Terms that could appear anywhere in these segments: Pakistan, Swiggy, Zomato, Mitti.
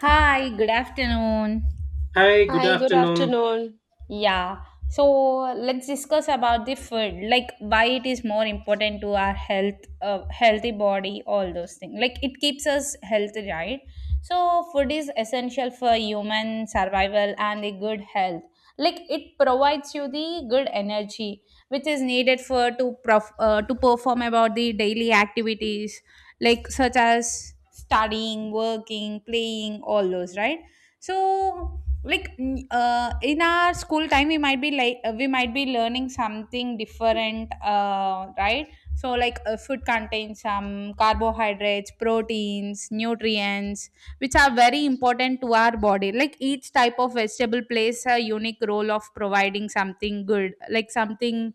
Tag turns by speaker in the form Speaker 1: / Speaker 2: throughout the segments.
Speaker 1: Hi, good afternoon.
Speaker 2: Hi, good
Speaker 3: Hi, good
Speaker 2: afternoon.
Speaker 3: afternoon.
Speaker 1: Yeah, so let's discuss about the food, like why it is more important to our health, healthy body, all those things. Like it keeps us healthy, right? So food is essential for human survival and a good health. Like it provides you the good energy which is needed for to to perform about the daily activities, like such as studying, working, playing, all those, right? So like in our school time we might be we might be learning something different, right. So like, food contains some carbohydrates, proteins, nutrients, which are very important to our body, like each type of vegetable plays a unique role of providing something good, like something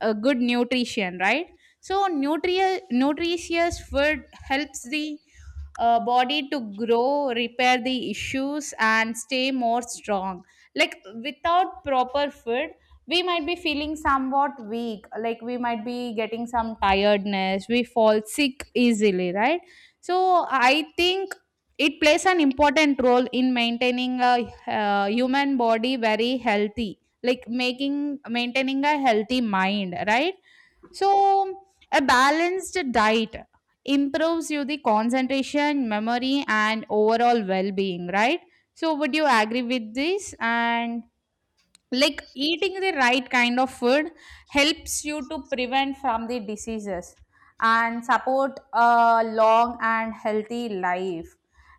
Speaker 1: good nutrition, right? So nutritious food helps the body to grow, repair the issues, and stay more strong. Like without proper food, we might be feeling somewhat weak, like we might be getting some tiredness, we fall sick easily, right? So, I think it plays an important role in maintaining a human body very healthy, like making, maintaining a healthy mind, right? So a balanced diet improves you the concentration, memory, and overall well-being, right? So would you agree with this? And like eating the right kind of food helps you to prevent from the diseases and support a long and healthy life.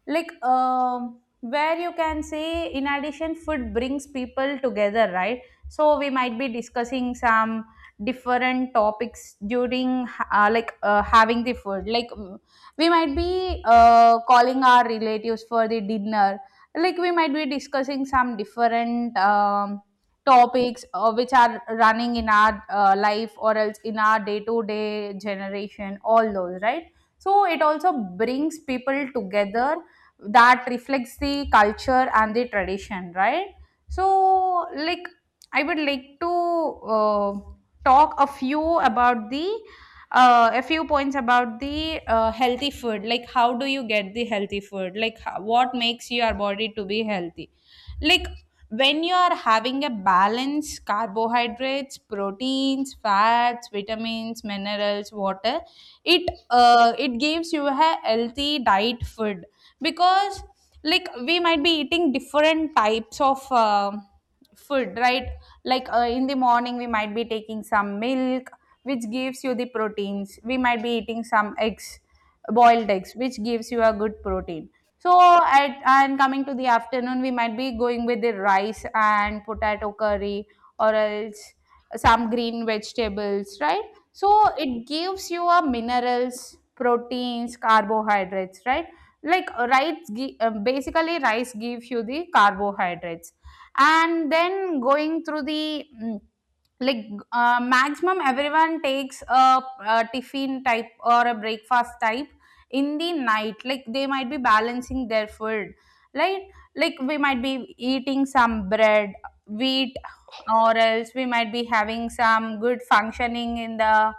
Speaker 1: Like, where you can say, in addition, food brings people together, right? So we might be discussing some different topics during having the food, like, we might be calling our relatives for the dinner, like we might be discussing some different topics, which are running in our life or else in our day to day generation, all those, right? So it also brings people together that reflects the culture and the tradition, right? So, like, I would like to talk a few about the a few points about the healthy food, like how do you get the healthy food, like how, what makes your body to be healthy. Like when you are having a balanced carbohydrates, proteins, fats, vitamins, minerals, water, it gives you a healthy diet food, because like we might be eating different types of food, right? Like, in the morning we might be taking some milk, which gives you the proteins. We might be eating some eggs, boiled eggs, which gives you a good protein. So at, and coming to the afternoon, we might be going with the rice and potato curry, or else some green vegetables, right? So it gives you a minerals, proteins, carbohydrates, right? Like rice basically rice gives you the carbohydrates. And then going through the like, maximum everyone takes a tiffin type or a breakfast type in the night, like they might be balancing their food, right? Like we might be eating some bread, wheat, or else we might be having some good functioning in the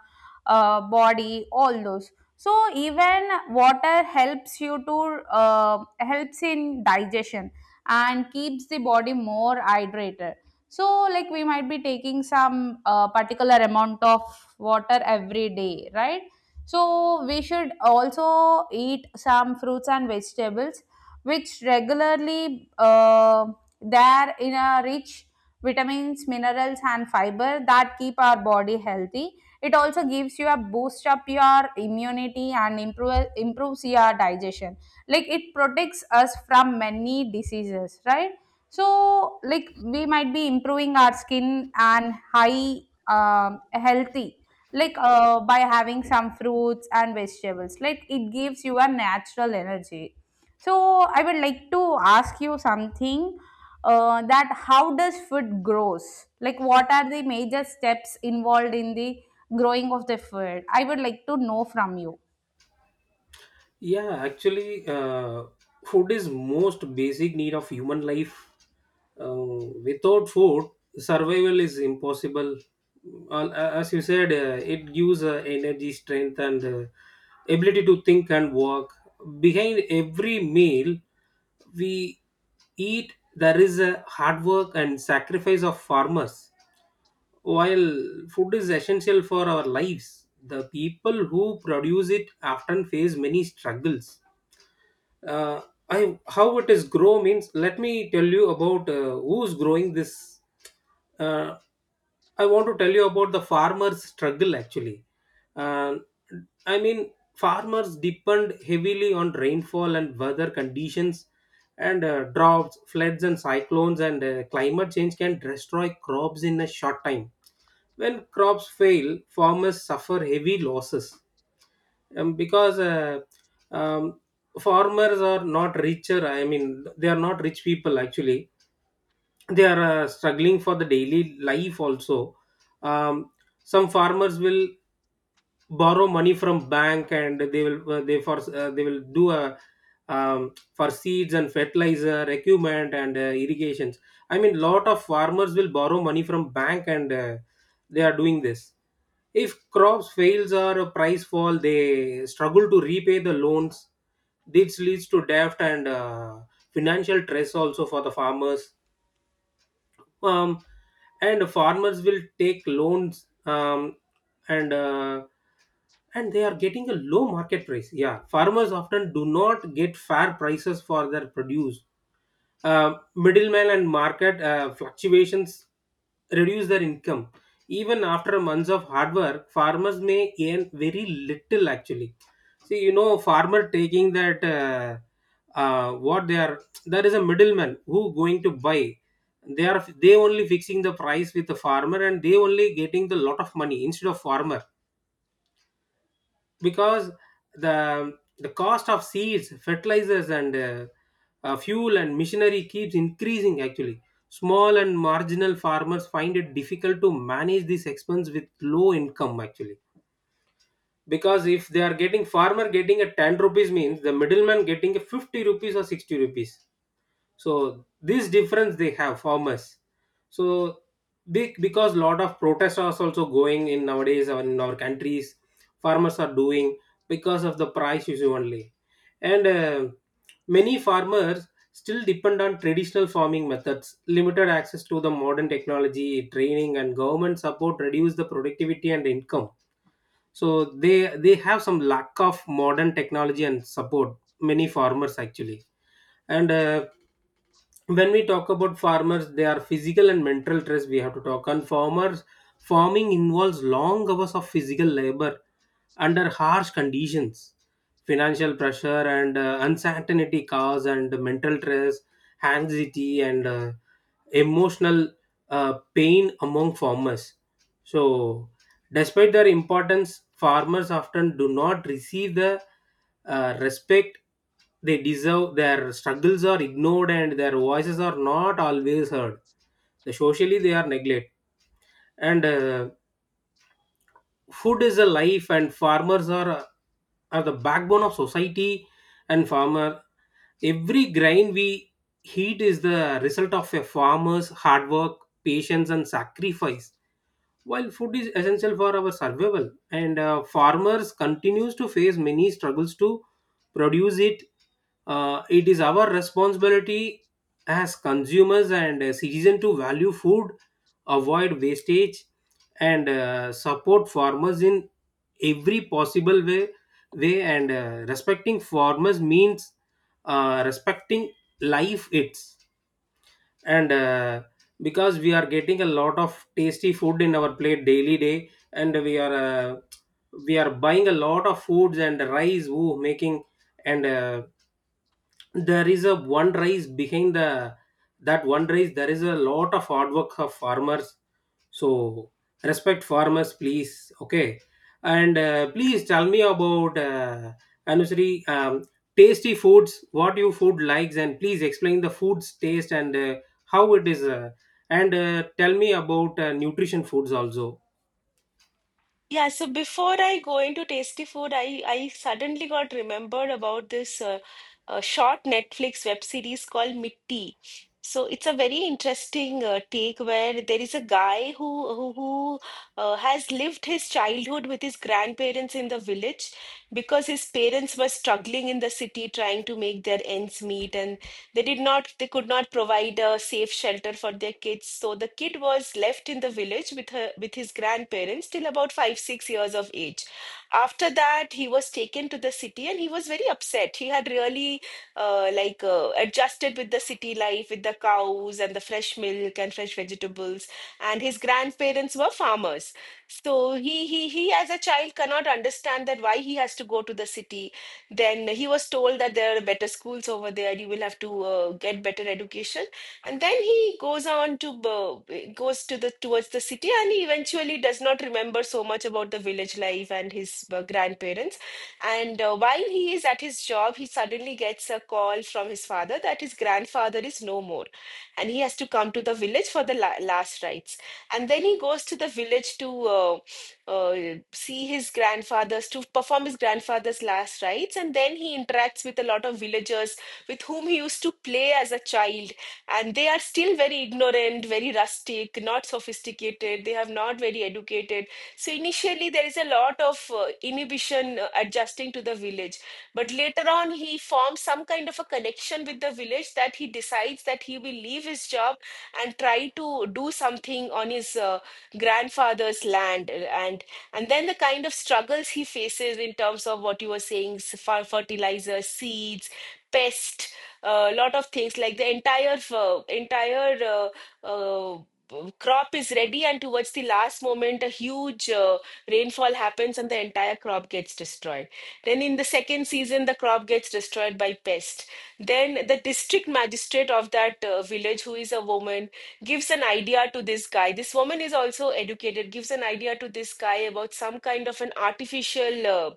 Speaker 1: body, all those. So even water helps you to helps in digestion and keeps the body more hydrated. So, like we might be taking some particular amount of water every day, right? So, we should also eat some fruits and vegetables, which regularly, they are in a rich vitamins, minerals, and fiber that keep our body healthy. It also gives you a boost up your immunity and improves your digestion. Like it protects us from many diseases, right? So like we might be improving our skin and high, healthy, like by having some fruits and vegetables, like it gives you a natural energy. So I would like to ask you something, that how does food grows, like what are the major steps involved in the growing of the food. I would like to know from you.
Speaker 2: Yeah, actually, uh, food is most basic need of human life. Uh, without food, survival is impossible. As you said, it gives energy, strength, and ability to think and work. Behind every meal we eat, there is a hard work and sacrifice of farmers. While food is essential for our lives, the people who produce it often face many struggles uh, I How it is grow means let me tell you about who's growing this. Uh, I want to tell you about the farmer's struggle actually. Uh, I mean, farmers depend heavily on rainfall and weather conditions, and droughts, floods, and cyclones, and climate change can destroy crops in a short time. When crops fail, farmers suffer heavy losses because um, farmers are not richer. I mean, they are not rich people actually. They are struggling for the daily life also um, some farmers will borrow money from bank, and they will do a for seeds and fertilizer equipment and irrigations. I mean, lot of farmers will borrow money from bank, and they are doing this. If crops fails or a price fall, they struggle to repay the loans. This leads to debt and financial stress also for the farmers um, and farmers will take loans um, and uh, and they are getting a low market price. Yeah, farmers often do not get fair prices for their produce. Middlemen and market fluctuations reduce their income. Even after months of hard work, farmers may earn very little actually. See, you know, farmer taking that uh, what they are, there is a middleman who going to buy. They only fixing the price with the farmer, and they only getting the lot of money instead of farmer, because the cost of seeds, fertilizers, and fuel, and machinery keeps increasing actually. Small and marginal farmers find it difficult to manage this expense with low income actually, because if they are getting, farmer getting a 10 rupees means the middleman getting a 50 rupees or 60 rupees. So this difference they have, farmers, so big, because lot of protests are also going in nowadays in our countries. Farmers are doing because of the price issue only. And many farmers still depend on traditional farming methods. Limited access to the modern technology, training, and government support reduce the productivity and income. So they have some lack of modern technology and support, many farmers actually. And when we talk about farmers, they are physical and mental stress we have to talk. And farmers farming involves long hours of physical labor under harsh conditions. Financial pressure and uncertainty cause and mental stress, anxiety, and emotional pain among farmers. So despite their importance, farmers often do not receive the respect they deserve. Their struggles are ignored and their voices are not always heard. The socially, they are neglected. And food is a life, and farmers are the backbone of society. And farmer every grain we eat is the result of a farmer's hard work, patience, and sacrifice. While food is essential for our survival, and farmers continues to face many struggles to produce it, it is our responsibility as consumers and citizens to value food, avoid wastage, and support farmers in every possible way. And respecting farmers means respecting life. It's and because we are getting a lot of tasty food in our plate daily day, and we are buying a lot of foods and rice woo making. And there is a one rice behind the, that one rice, there is a lot of hard work of farmers. So respect farmers, please. Okay, and please tell me about Anusri, tasty foods, what you food likes, and please explain the food's taste. And how it is and tell me about nutrition foods also.
Speaker 3: Yeah, so before I go into tasty food, I suddenly got remembered about this short Netflix web series called Mitti. So it's a very interesting take where there is a guy who has lived his childhood with his grandparents in the village because his parents were struggling in the city trying to make their ends meet, and. They could not provide a safe shelter for their kids. So the kid was left in the village with his grandparents till about five, 6 years of age. After that, he was taken to the city and he was very upset. He had really adjusted with the city life, with the cows and the fresh milk and fresh vegetables. And his grandparents were farmers. So he as a child cannot understand that why he has to go to the city, then he was told that there are better schools over there. You will have to get better education. And then he goes on to goes to the towards the city, and he eventually does not remember so much about the village life and his grandparents. And while he is at his job, he suddenly gets a call from his father that his grandfather is no more, and he has to come to the village for the la last rites. And then he goes to the village to uh, see his to perform his grandfather's last rites, and then he interacts with a lot of villagers with whom he used to play as a child. And they are still very ignorant, very rustic, not sophisticated, they have not very educated. So initially, there is a lot of inhibition adjusting to the village. But later on, he forms some kind of a connection with the village that he decides that he will leave his job and try to do something on his. Grandfather's land, and and then the kind of struggles he faces in terms of what you were saying fertilizer, seeds, pest, a lot of things. Like the entire uh, crop is ready and towards the last moment a huge rainfall happens and the entire crop gets destroyed, then in the second season the crop gets destroyed by pest. Then the district magistrate of that village, who is a woman, gives an idea to this guy. This woman is also educated, gives an idea to this guy about some kind of an artificial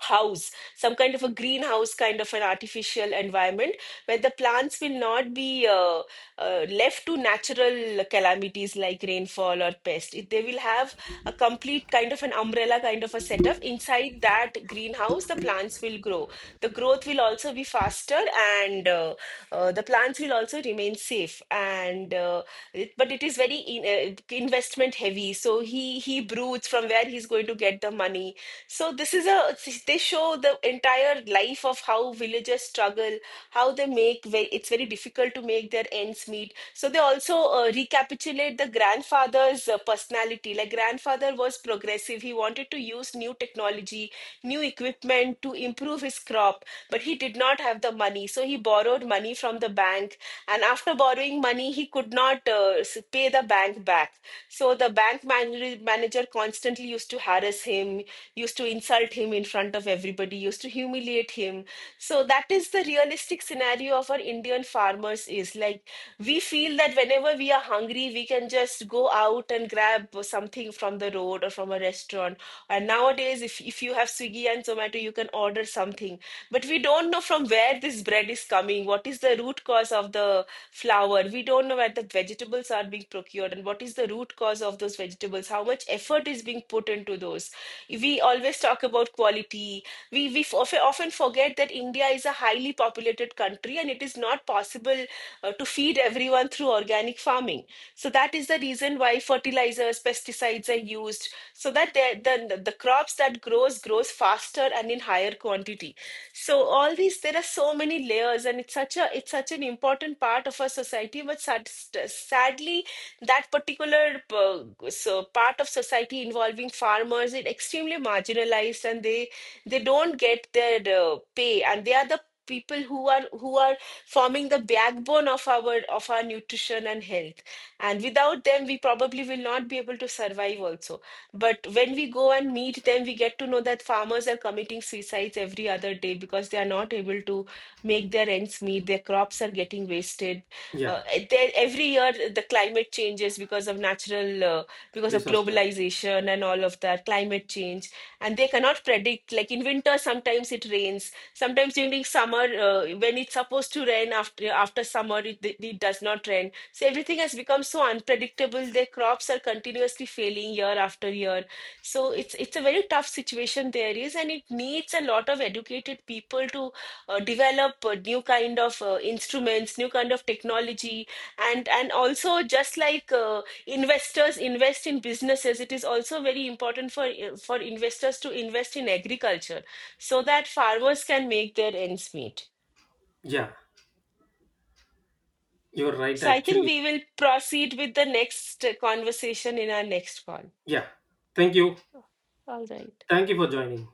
Speaker 3: house, some kind of a greenhouse, kind of an artificial environment where the plants will not be left to natural calamities like rainfall or pest. They will have a complete kind of an umbrella, kind of a setup. Inside that greenhouse, the plants will grow. The growth will also be faster, and the plants will also remain safe. And but it is very investment heavy. So he broods from where he's going to get the money. So this is a, they show the entire life of how villagers struggle, how they make it's very difficult to make their ends meet. So they also recapitulate the grandfather's personality. Like grandfather was progressive. He wanted to use new technology, new equipment to improve his crop, but he did not have the money. So he borrowed money from the bank, and after borrowing money, he could not pay the bank back. So the bank man manager constantly used to harass him, used to insult him in front of everybody, used to humiliate him. So that is the realistic scenario of our Indian farmers. Is like we feel that whenever we are hungry, we can just go out and grab something from the road or from a restaurant. And nowadays, if you have Swiggy and Zomato, you can order something. But we don't know from where this bread is coming, what is the root cause of the flour. We don't know where the vegetables are being procured and what is the root cause of those vegetables, how much effort is being put into those. We always talk about quality. We often forget that India is a highly populated country and it is not possible to feed everyone through organic farming. So that is the reason why fertilizers, pesticides are used, so that the crops that grows faster and in higher quantity. So all these, there are so many layers, and it's such an important part of our society. But sadly that particular part of society involving farmers is extremely marginalized, and they don't get their pay, and they are the people who are forming the backbone of our nutrition and health, and without them we probably will not be able to survive also. But when we go and meet them, we get to know that farmers are committing suicides every other day because they are not able to make their ends meet, their crops are getting wasted.
Speaker 2: Yeah.
Speaker 3: uh, there, every year the climate changes because of because of
Speaker 2: Disaster.
Speaker 3: globalization and all of that, climate change. And they cannot predict. Like in winter, sometimes it rains. Sometimes during summer, when it's supposed to rain after summer, it does not rain. So everything has become so unpredictable. Their crops are continuously failing year after year. So it's a very tough situation there is, and it needs a lot of educated people to develop new kind of instruments, new kind of technology, and also just like investors invest in businesses, it is also very important for investors to invest in agriculture so that farmers can make their ends meet.
Speaker 2: Yeah, you're right
Speaker 3: So I think
Speaker 2: actually.
Speaker 3: we will proceed with the next conversation in our next call.
Speaker 2: Yeah, thank you.
Speaker 3: All right.
Speaker 2: Thank you for joining.